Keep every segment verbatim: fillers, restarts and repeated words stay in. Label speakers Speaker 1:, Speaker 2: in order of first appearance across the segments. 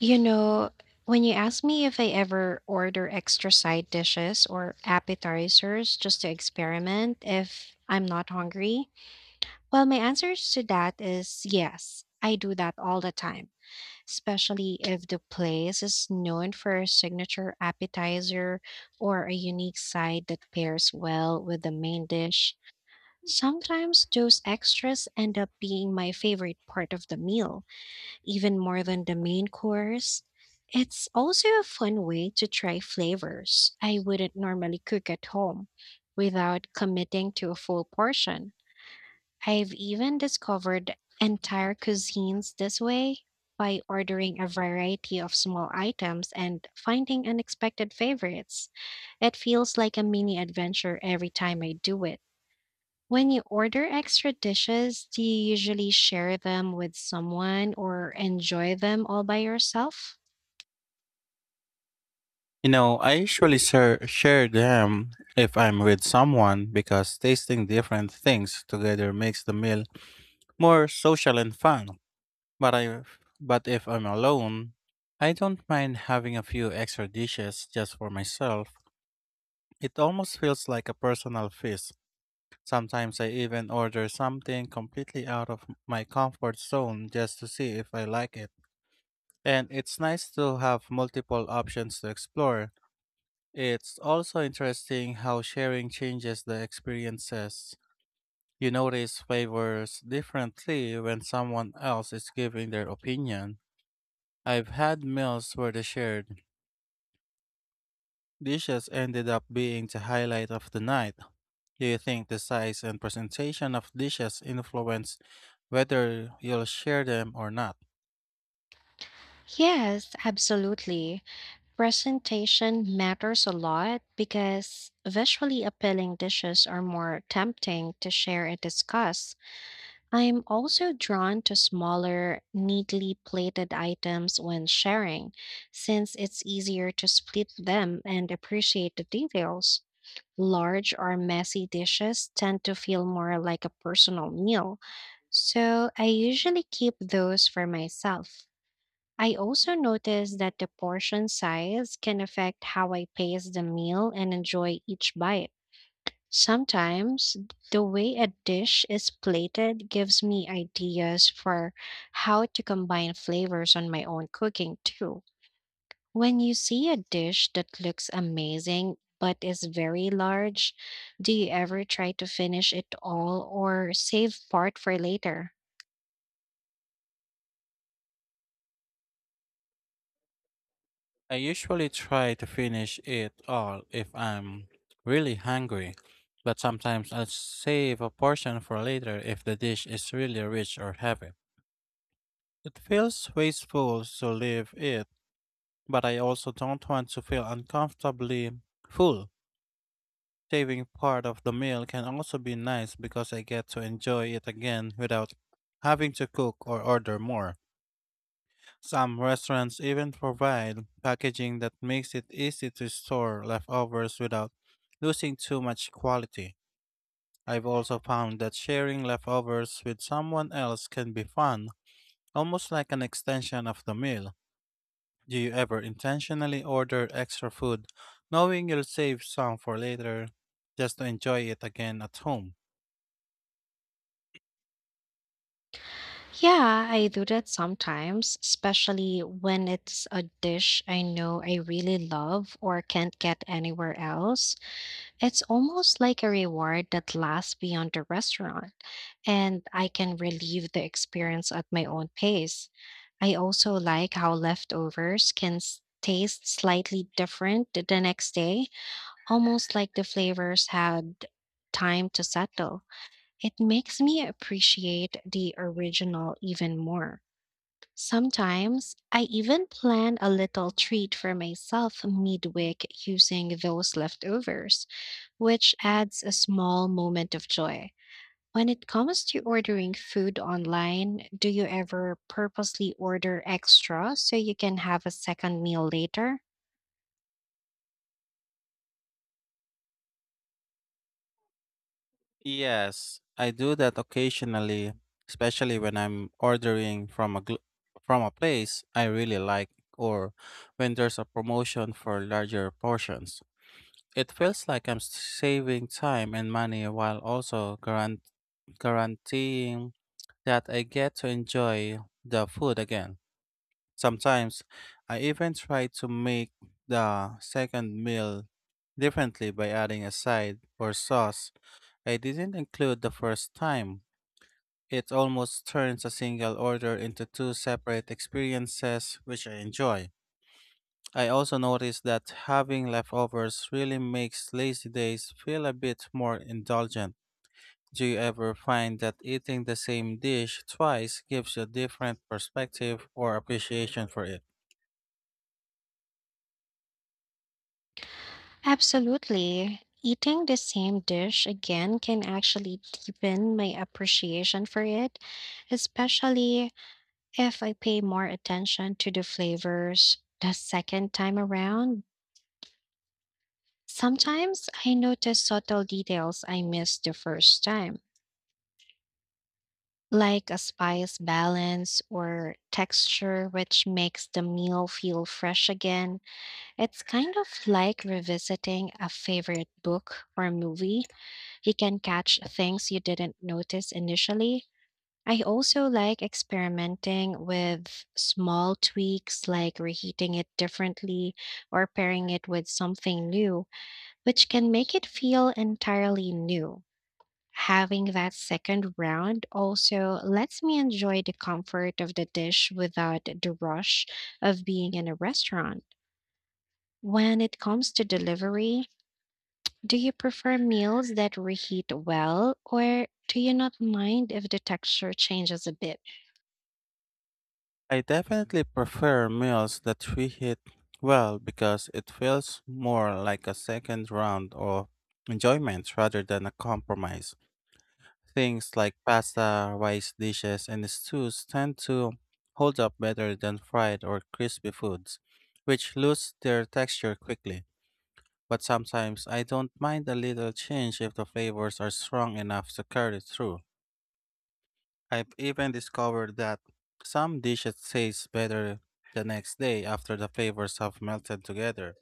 Speaker 1: You know, when you ask me if I ever order extra side dishes or appetizers just to experiment if I'm not hungry, well, my answer to that is yes. I do that all the time, especially if the place is known for a signature appetizer or a unique side that pairs well with the main dish. Sometimes those extras end up being my favorite part of the meal even more than the main course. It's also a fun way to try flavors I wouldn't normally cook at home without committing to a full portion. I've even discovered entire cuisines this way by ordering a variety of small items and finding unexpected favorites. It feels like a mini adventure every time I do it. When you order extra dishes, do you usually share them with someone or enjoy them all by yourself?
Speaker 2: You know, I usually share, share them if I'm with someone because tasting different things together makes the meal more social and fun. But I but if I'm alone, I don't mind having a few extra dishes just for myself. It almost feels like a personal feast. Sometimes I even order something completely out of my comfort zone just to see if I like it. And it's nice to have multiple options to explore. It's also interesting how sharing changes the experiences. You notice flavors differently when someone else is giving their opinion. I've had meals where the shared dishes ended up being the highlight of the night. Do you think the size and presentation of dishes influence whether you'll share them or not?
Speaker 1: Yes, absolutely. Presentation matters a lot because visually appealing dishes are more tempting to share and discuss. I'm also drawn to smaller, neatly plated items when sharing, since it's easier to split them and appreciate the details. Large or messy dishes tend to feel more like a personal meal, so I usually keep those for myself. I also notice that the portion size can affect how I pace the meal and enjoy each bite. Sometimes the way a dish is plated gives me ideas for how to combine flavors on my own cooking too. When you see a dish that looks amazing but is very large, do you ever try to finish it all or save part for later?
Speaker 2: I usually try to finish it all if I'm really hungry, but sometimes I'll save a portion for later if the dish is really rich or heavy. It feels wasteful to leave it, but I also don't want to feel uncomfortably full. Saving part of the meal can also be nice because I get to enjoy it again without having to cook or order more. Some restaurants even provide packaging that makes it easy to store leftovers without losing too much quality. I've also found that sharing leftovers with someone else can be fun, almost like an extension of the meal. Do you ever intentionally order extra food, knowing you'll save some for later, just to enjoy it again at home?
Speaker 1: Yeah, I do that sometimes, especially when it's a dish I know I really love or can't get anywhere else. It's almost like a reward that lasts beyond the restaurant, and I can relive the experience at my own pace. I also like how leftovers can s- taste slightly different th- the next day, almost like the flavors had time to settle. It makes me appreciate the original even more. Sometimes I even plan a little treat for myself midweek using those leftovers, which adds a small moment of joy. When it comes to ordering food online, do you ever purposely order extra so you can have a second meal later?
Speaker 2: Yes, I do that occasionally, especially when I'm ordering from a gl- from a place I really like or when there's a promotion for larger portions. It feels like I'm saving time and money while also guaran- guaranteeing that I get to enjoy the food again. Sometimes I even try to make the second meal differently by adding a side or sauce I didn't include the first time. It almost turns a single order into two separate experiences, which I enjoy. I also noticed that having leftovers really makes lazy days feel a bit more indulgent. Do you ever find that eating the same dish twice gives you a different perspective or appreciation for it?
Speaker 1: Absolutely. Eating the same dish again can actually deepen my appreciation for it, especially if I pay more attention to the flavors the second time around, sometimes I notice subtle details I missed the first time, like a spice balance or texture, which makes the meal feel fresh again. It's kind of like revisiting a favorite book or movie. You can catch things you didn't notice initially. I also like experimenting with small tweaks like reheating it differently or pairing it with something new, which can make it feel entirely new. Having that second round also lets me enjoy the comfort of the dish without the rush of being in a restaurant. When it comes to delivery, do you prefer meals that reheat well, or do you not mind if the texture changes a bit?
Speaker 2: I definitely prefer meals that reheat well because it feels more like a second round of enjoyment rather than a compromise. Things like pasta, rice dishes, and stews tend to hold up better than fried or crispy foods, which lose their texture quickly. But sometimes I don't mind a little change if the flavors are strong enough to carry through. I've even discovered that some dishes taste better the next day after the flavors have melted together.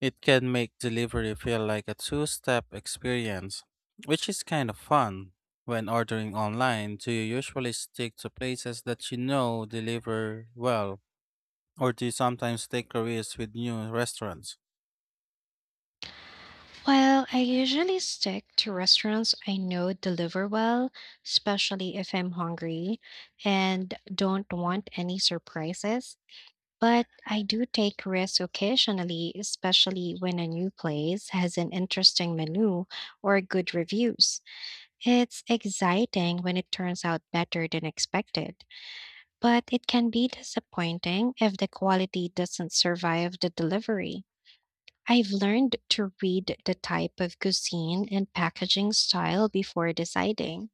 Speaker 2: It can make delivery feel like a two step experience, which is kind of fun. When ordering online, do you usually stick to places that you know deliver well, or do you sometimes take careers with new restaurants?
Speaker 1: Well, I usually stick to restaurants I know deliver well, especially if I'm hungry and don't want any surprises. But I do take risks occasionally, especially when a new place has an interesting menu or good reviews. It's exciting when it turns out better than expected, but it can be disappointing if the quality doesn't survive the delivery. I've learned to read the type of cuisine and packaging style before deciding.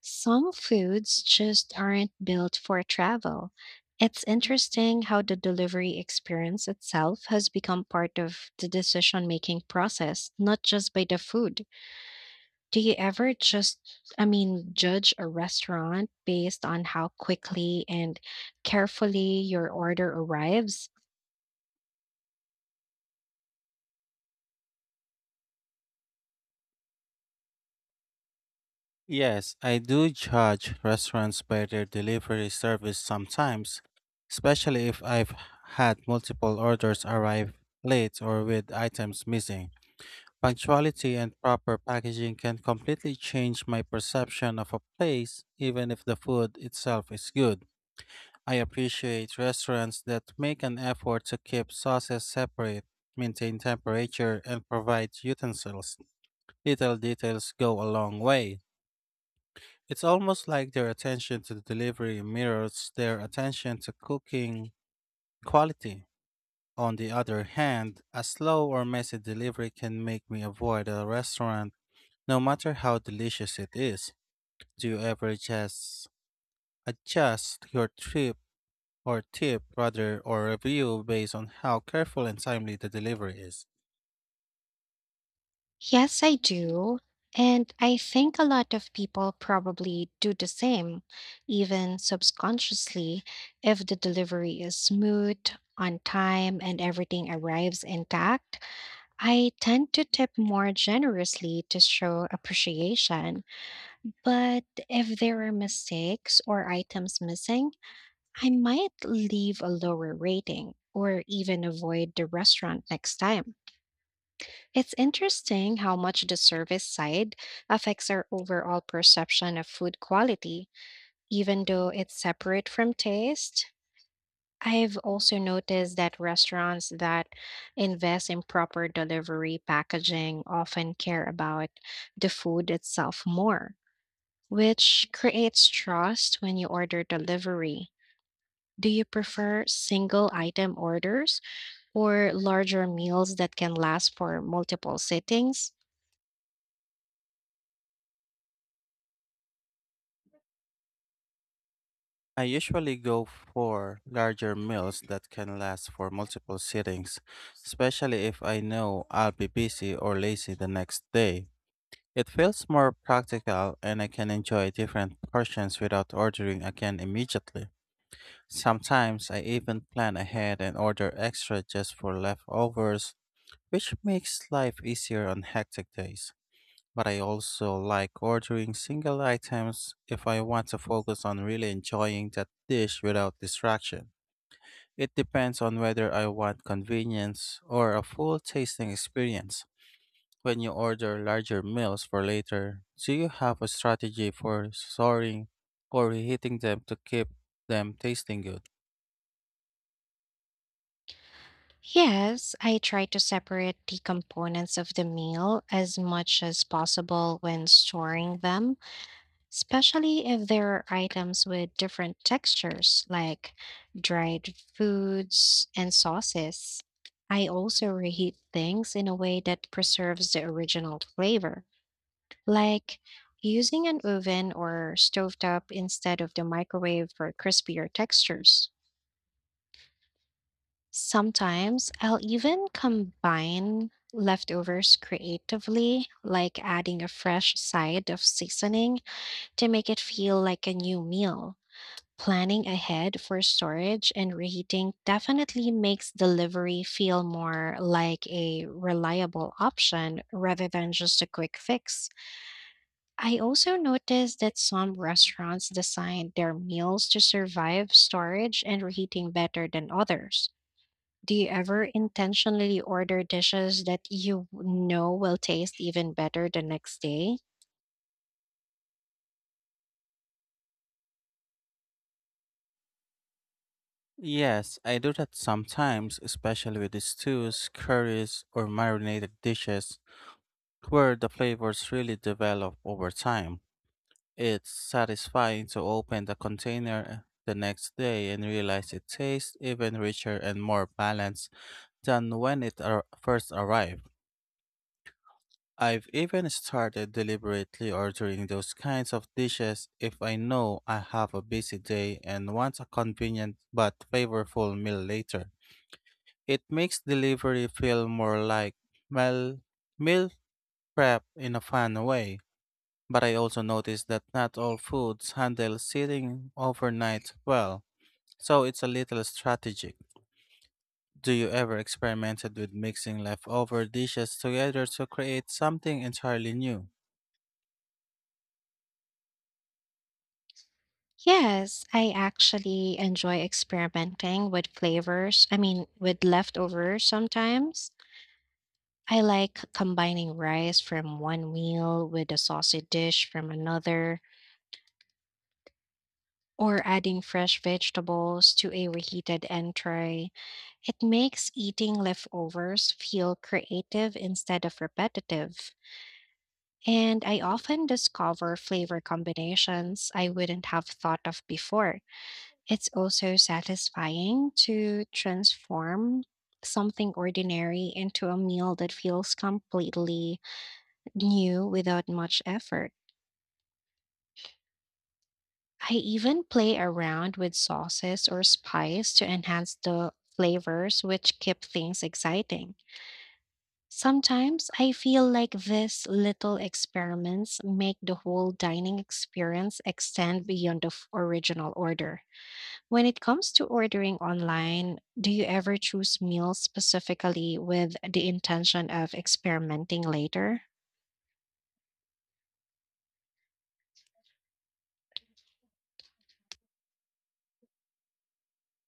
Speaker 1: Some foods just aren't built for travel. It's interesting how the delivery experience itself has become part of the decision-making process, not just by the food. Do you ever just, I mean, judge a restaurant based on how quickly and carefully your order arrives?
Speaker 2: Yes, I do judge restaurants by their delivery service sometimes, especially if I've had multiple orders arrive late or with items missing. Punctuality and proper packaging can completely change my perception of a place, even if the food itself is good. I appreciate restaurants that make an effort to keep sauces separate, maintain temperature, and provide utensils. Little details go a long way. It's almost like their attention to the delivery mirrors their attention to cooking quality. On the other hand, a slow or messy delivery can make me avoid a restaurant no matter how delicious it is. Do you ever just adjust your trip or tip rather or review based on how careful and timely the delivery is?
Speaker 1: Yes, I do. And I think a lot of people probably do the same, even subconsciously, if the delivery is smooth, on time, and everything arrives intact. I tend to tip more generously to show appreciation. But if there are mistakes or items missing, I might leave a lower rating or even avoid the restaurant next time. It's interesting how much the service side affects our overall perception of food quality, even though it's separate from taste. I've also noticed that restaurants that invest in proper delivery packaging often care about the food itself more, which creates trust when you order delivery. Do you prefer single item orders or larger meals that can last for multiple sittings?
Speaker 2: I usually go for larger meals that can last for multiple sittings, especially if I know I'll be busy or lazy the next day. It feels more practical and I can enjoy different portions without ordering again immediately. Sometimes I even plan ahead and order extra just for leftovers, which makes life easier on hectic days. But I also like ordering single items if I want to focus on really enjoying that dish without distraction. It depends on whether I want convenience or a full tasting experience. When you order larger meals for later, do you have a strategy for soaring or reheating them to keep them tasting good?
Speaker 1: Yes, I try to separate the components of the meal as much as possible when storing them, especially if there are items with different textures like dried foods and sauces. I also reheat things in a way that preserves the original flavor, like using an oven or stovetop instead of the microwave for crispier textures. Sometimes I'll even combine leftovers creatively, like adding a fresh side of seasoning to make it feel like a new meal. Planning ahead for storage and reheating definitely makes delivery feel more like a reliable option rather than just a quick fix. I also noticed that some restaurants design their meals to survive storage and reheating better than others. Do you ever intentionally order dishes that you know will taste even better the next day?
Speaker 2: Yes, I do that sometimes, especially with the stews, curries, or marinated dishes, where the flavors really develop over time. It's satisfying to open the container the next day and realize it tastes even richer and more balanced than when it ar- first arrived. I've even started deliberately ordering those kinds of dishes if I know I have a busy day and want a convenient but flavorful meal later. It makes delivery feel more like meal meal prep in a fun way. But I also noticed that not all foods handle sitting overnight well, so it's a little strategic. Do you ever experimented with mixing leftover dishes together to create something entirely new?
Speaker 1: Yes, I actually enjoy experimenting with flavors. I mean, with leftovers sometimes. I like combining rice from one meal with a saucy dish from another, or adding fresh vegetables to a reheated entree. It makes eating leftovers feel creative instead of repetitive. And I often discover flavor combinations I wouldn't have thought of before. It's also satisfying to transform something ordinary into a meal that feels completely new without much effort. I even play around with sauces or spice to enhance the flavors, which keep things exciting. Sometimes I feel like these little experiments make the whole dining experience extend beyond the f- original order. When it comes to ordering online, do you ever choose meals specifically with the intention of experimenting later?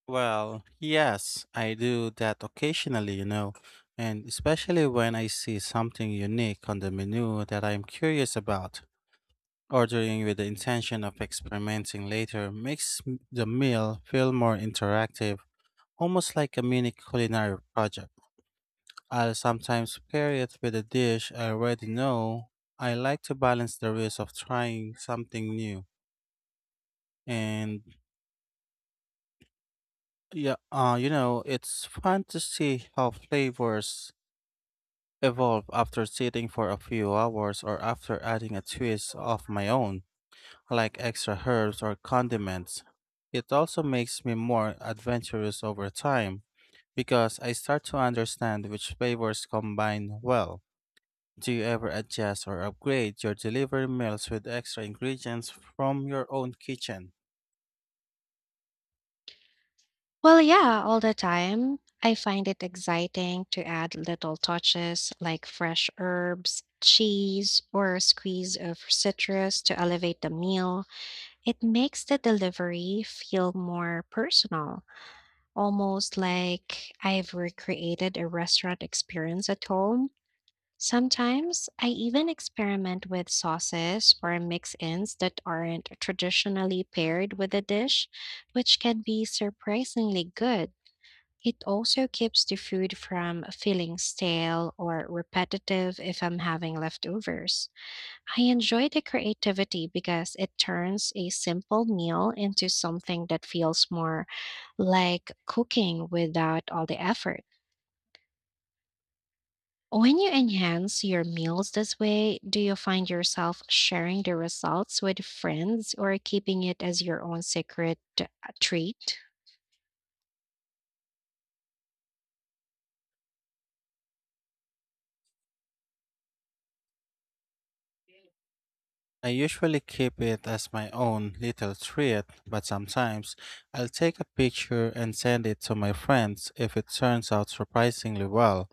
Speaker 2: Well, yes, I do that occasionally, you know, and especially when I see something unique on the menu that I'm curious about. Ordering with the intention of experimenting later makes m- the meal feel more interactive, almost like a mini culinary project. I'll sometimes pair it with a dish I already know. I like to balance the risk of trying something new. And yeah, uh, you know, it's fun to see how flavors evolve after sitting for a few hours or after adding a twist of my own, like extra herbs or condiments. It also makes me more adventurous over time because I start to understand which flavors combine well. Do you ever adjust or upgrade your delivery meals with extra ingredients from your own kitchen?
Speaker 1: Well, yeah, all the time. I find it exciting to add little touches like fresh herbs, cheese, or a squeeze of citrus to elevate the meal. It makes the delivery feel more personal, almost like I've recreated a restaurant experience at home. Sometimes I even experiment with sauces or mix ins that aren't traditionally paired with a dish, which can be surprisingly good. It also keeps the food from feeling stale or repetitive if I'm having leftovers. I enjoy the creativity because it turns a simple meal into something that feels more like cooking without all the effort. When you enhance your meals this way, do you find yourself sharing the results with friends or keeping it as your own secret uh, treat?
Speaker 2: I usually keep it as my own little treat, but sometimes I'll take a picture and send it to my friends if it turns out surprisingly well.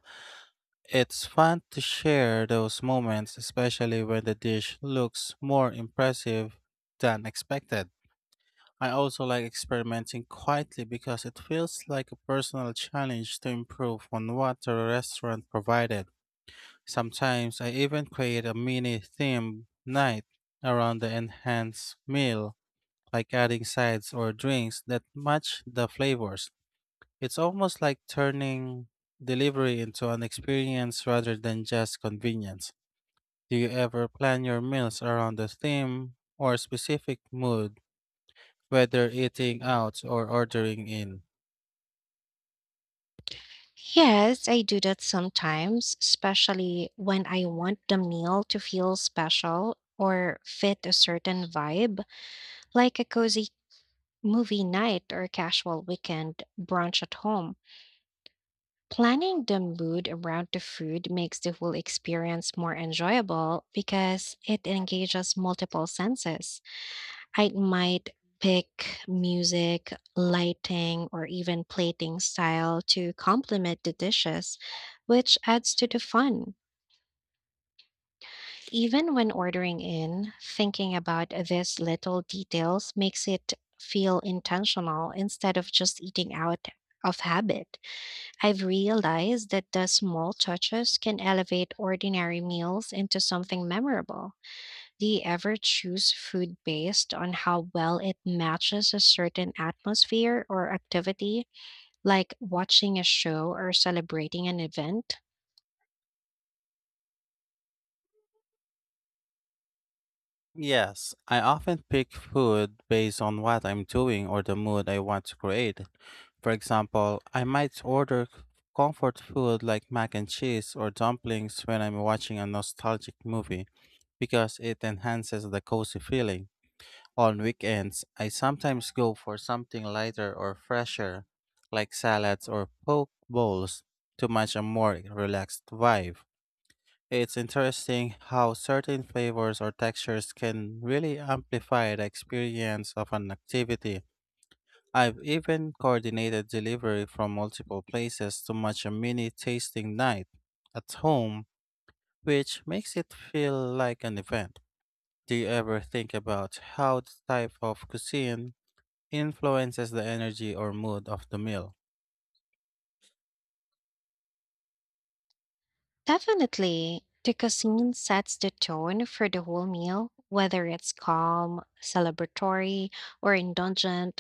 Speaker 2: It's fun to share those moments, especially when the dish looks more impressive than expected. I also like experimenting quietly because it feels like a personal challenge to improve on what the restaurant provided. Sometimes I even create a mini theme night around the enhanced meal, like adding sides or drinks that match the flavors. It's almost like turning delivery into an experience rather than just convenience. Do you ever plan your meals around a theme or specific mood, whether eating out or ordering in?
Speaker 1: Yes, I do that sometimes, especially when I want the meal to feel special or fit a certain vibe, like a cozy movie night or casual weekend brunch at home. Planning the mood around the food makes the whole experience more enjoyable because it engages multiple senses. I might pick music, lighting, or even plating style to complement the dishes, which adds to the fun. Even when ordering in, thinking about these little details makes it feel intentional instead of just eating out of habit. I've realized that the small touches can elevate ordinary meals into something memorable. Do you ever choose food based on how well it matches a certain atmosphere or activity, like watching a show or celebrating an event?
Speaker 2: Yes, I often pick food based on what I'm doing or the mood I want to create. For example, I might order c- comfort food like mac and cheese or dumplings when I'm watching a nostalgic movie because it enhances the cozy feeling. On weekends, I sometimes go for something lighter or fresher, like salads or poke bowls, to match a more relaxed vibe. It's interesting how certain flavors or textures can really amplify the experience of an activity. I've even coordinated delivery from multiple places to match a mini tasting night at home, which makes it feel like an event. Do you ever think about how the type of cuisine influences the energy or mood of the meal?
Speaker 1: Definitely. The cuisine sets the tone for the whole meal, whether it's calm, celebratory, or indulgent.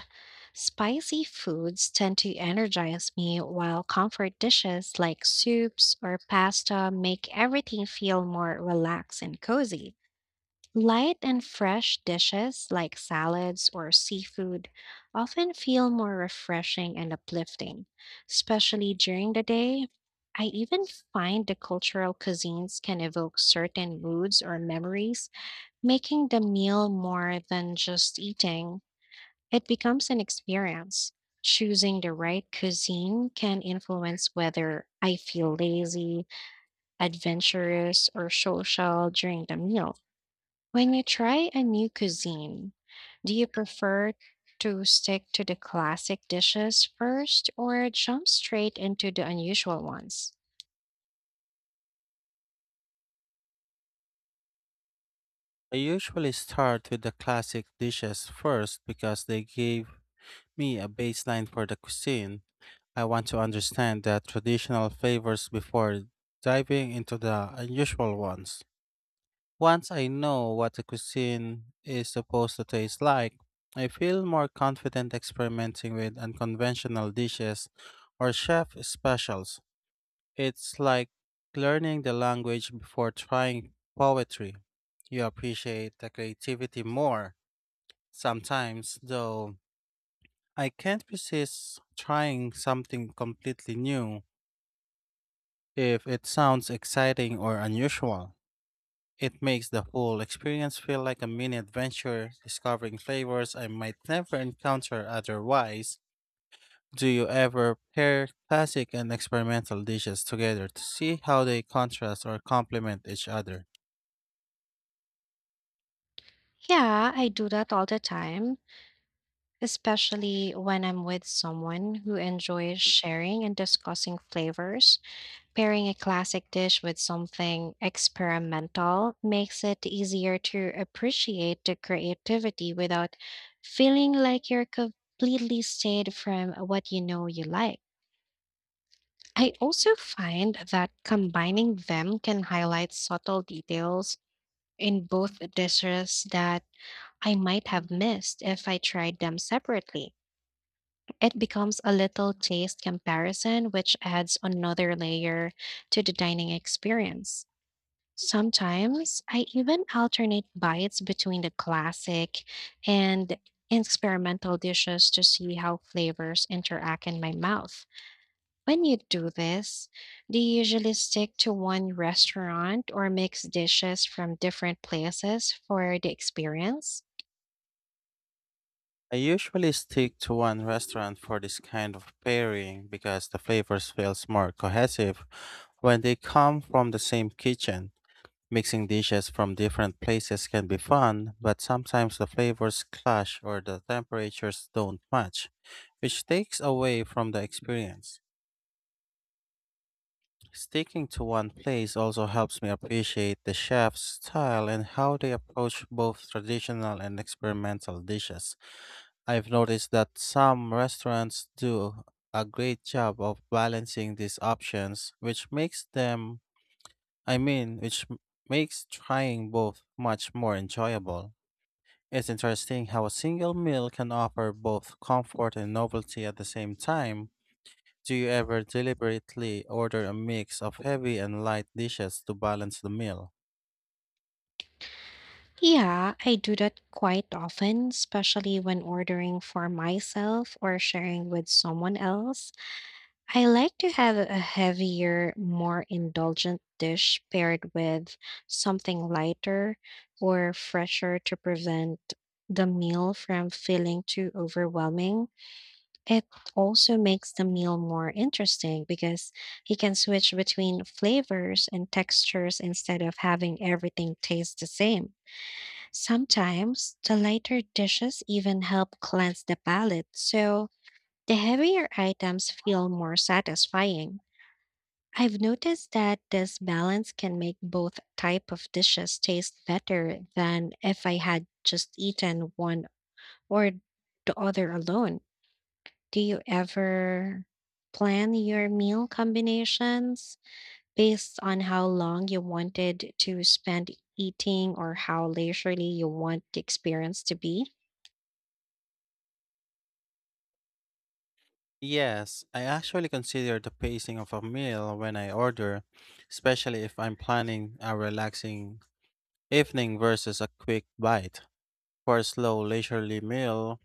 Speaker 1: Spicy foods tend to energize me, while comfort dishes like soups or pasta make everything feel more relaxed and cozy. Light and fresh dishes like salads or seafood often feel more refreshing and uplifting, especially during the day. I even find the cultural cuisines can evoke certain moods or memories, making the meal more than just eating. It becomes an experience. Choosing the right cuisine can influence whether I feel lazy, adventurous, or social during the meal. When you try a new cuisine, do you prefer to stick to the classic dishes first or jump straight into the unusual ones?
Speaker 2: I usually start with the classic dishes first because they give me a baseline for the cuisine. I want to understand the traditional flavors before diving into the unusual ones. Once I know what a cuisine is supposed to taste like, I feel more confident experimenting with unconventional dishes or chef specials. It's like learning the language before trying poetry. You appreciate the creativity more. Sometimes, though, I can't resist trying something completely new. If it sounds exciting or unusual, it makes the whole experience feel like a mini adventure, discovering flavors I might never encounter otherwise. Do you ever pair classic and experimental dishes together to see how they contrast or complement each other?
Speaker 1: Yeah, I do that all the time, especially when I'm with someone who enjoys sharing and discussing flavors. Pairing a classic dish with something experimental makes it easier to appreciate the creativity without feeling like you're completely stayed from what you know you like. I also find that combining them can highlight subtle details in both dishes that I might have missed if I tried them separately. It becomes a little taste comparison, which adds another layer to the dining experience. Sometimes I even alternate bites between the classic and experimental dishes to see how flavors interact in my mouth. When you do this, do you usually stick to one restaurant or mix dishes from different places for the experience?
Speaker 2: I usually stick to one restaurant for this kind of pairing because the flavors feel more cohesive when they come from the same kitchen. Mixing dishes from different places can be fun, but sometimes the flavors clash or the temperatures don't match, which takes away from the experience. Sticking to one place also helps me appreciate the chef's style and how they approach both traditional and experimental dishes. I've noticed that some restaurants do a great job of balancing these options, which makes them, I mean, which m- makes trying both much more enjoyable. It's interesting how a single meal can offer both comfort and novelty at the same time. Do you ever deliberately order a mix of heavy and light dishes to balance the meal?
Speaker 1: Yeah, I do that quite often, especially when ordering for myself or sharing with someone else. I like to have a heavier, more indulgent dish paired with something lighter or fresher to prevent the meal from feeling too overwhelming. It also makes the meal more interesting because you can switch between flavors and textures instead of having everything taste the same. Sometimes the lighter dishes even help cleanse the palate, so the heavier items feel more satisfying. I've noticed that this balance can make both type of dishes taste better than if I had just eaten one or the other alone. Do you ever plan your meal combinations based on how long you wanted to spend eating or how leisurely you want the experience to be?
Speaker 2: Yes, I actually consider the pacing of a meal when I order, especially if I'm planning a relaxing evening versus a quick bite. For a slow, leisurely meal,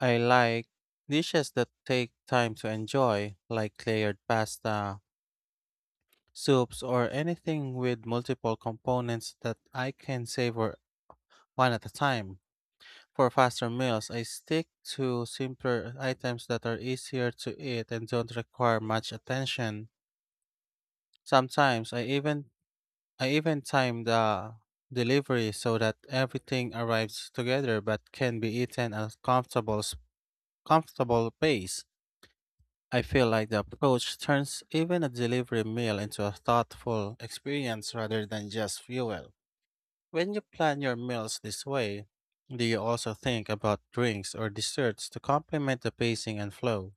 Speaker 2: I like dishes that take time to enjoy, like layered pasta, soups, or anything with multiple components that I can savor one at a time. For faster meals, I stick to simpler items that are easier to eat and don't require much attention. Sometimes I even I even time the delivery so that everything arrives together but can be eaten at a comfortable s- comfortable pace. I feel like the approach turns even a delivery meal into a thoughtful experience rather than just fuel. When you plan your meals this way, do you also think about drinks or desserts to complement the pacing and flow?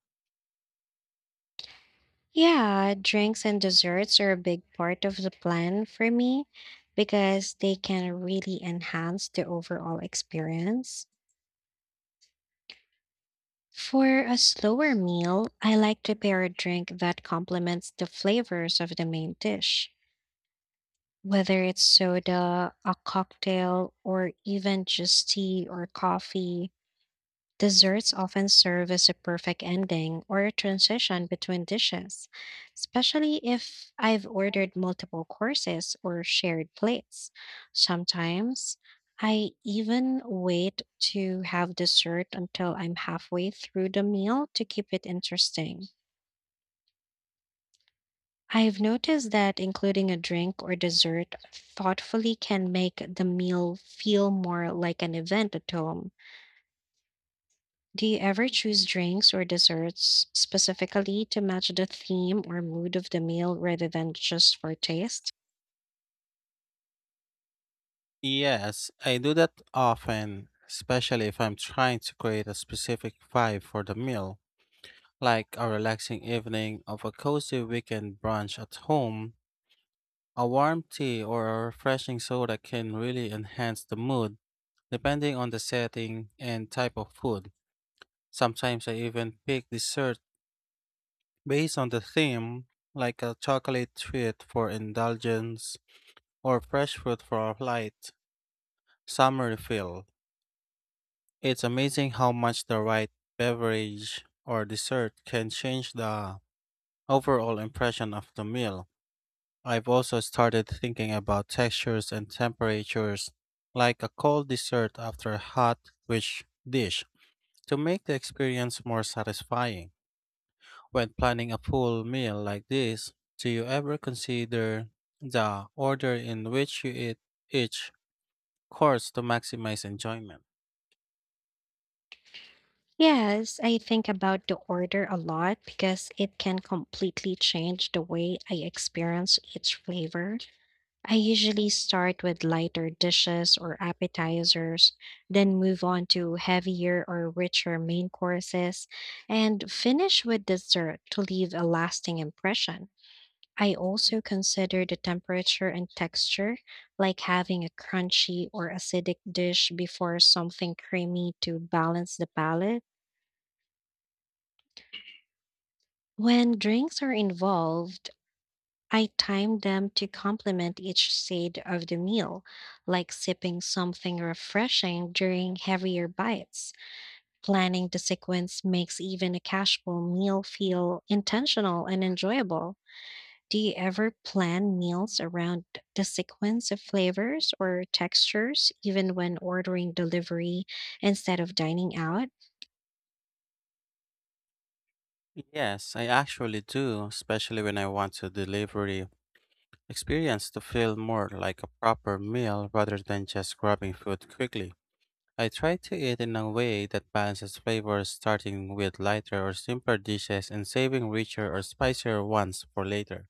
Speaker 1: Yeah, drinks and desserts are a big part of the plan for me because they can really enhance the overall experience. For a slower meal, I like to pair a drink that complements the flavors of the main dish, whether it's soda, a cocktail, or even just tea or coffee. Desserts often serve as a perfect ending or a transition between dishes, especially if I've ordered multiple courses or shared plates. Sometimes I even wait to have dessert until I'm halfway through the meal to keep it interesting. I've noticed that including a drink or dessert thoughtfully can make the meal feel more like an event at home. Do you ever choose drinks or desserts specifically to match the theme or mood of the meal rather than just for taste?
Speaker 2: Yes, I do that often, especially if I'm trying to create a specific vibe for the meal, like a relaxing evening of a cozy weekend brunch at home. A warm tea or a refreshing soda can really enhance the mood, depending on the setting and type of food. Sometimes I even pick desserts based on the theme, like a chocolate treat for indulgence or fresh fruit for a light summer refill. It's amazing how much the right beverage or dessert can change the overall impression of the meal. I've also started thinking about textures and temperatures, like a cold dessert after a hot, rich dish, to make the experience more satisfying. When planning a full meal like this, do you ever consider the order in which you eat each course to maximize enjoyment?
Speaker 1: Yes, I think about the order a lot because it can completely change the way I experience each flavor. I usually start with lighter dishes or appetizers, then move on to heavier or richer main courses, and finish with dessert to leave a lasting impression. I also consider the temperature and texture, like having a crunchy or acidic dish before something creamy to balance the palate. When drinks are involved, I time them to complement each side of the meal, like sipping something refreshing during heavier bites. Planning the sequence makes even a casual meal feel intentional and enjoyable. Do you ever plan meals around the sequence of flavors or textures, even when ordering delivery instead of dining out?
Speaker 2: Yes, I actually do, especially when I want the delivery experience to feel more like a proper meal rather than just grabbing food quickly. I try to eat in a way that balances flavors, starting with lighter or simpler dishes and saving richer or spicier ones for later.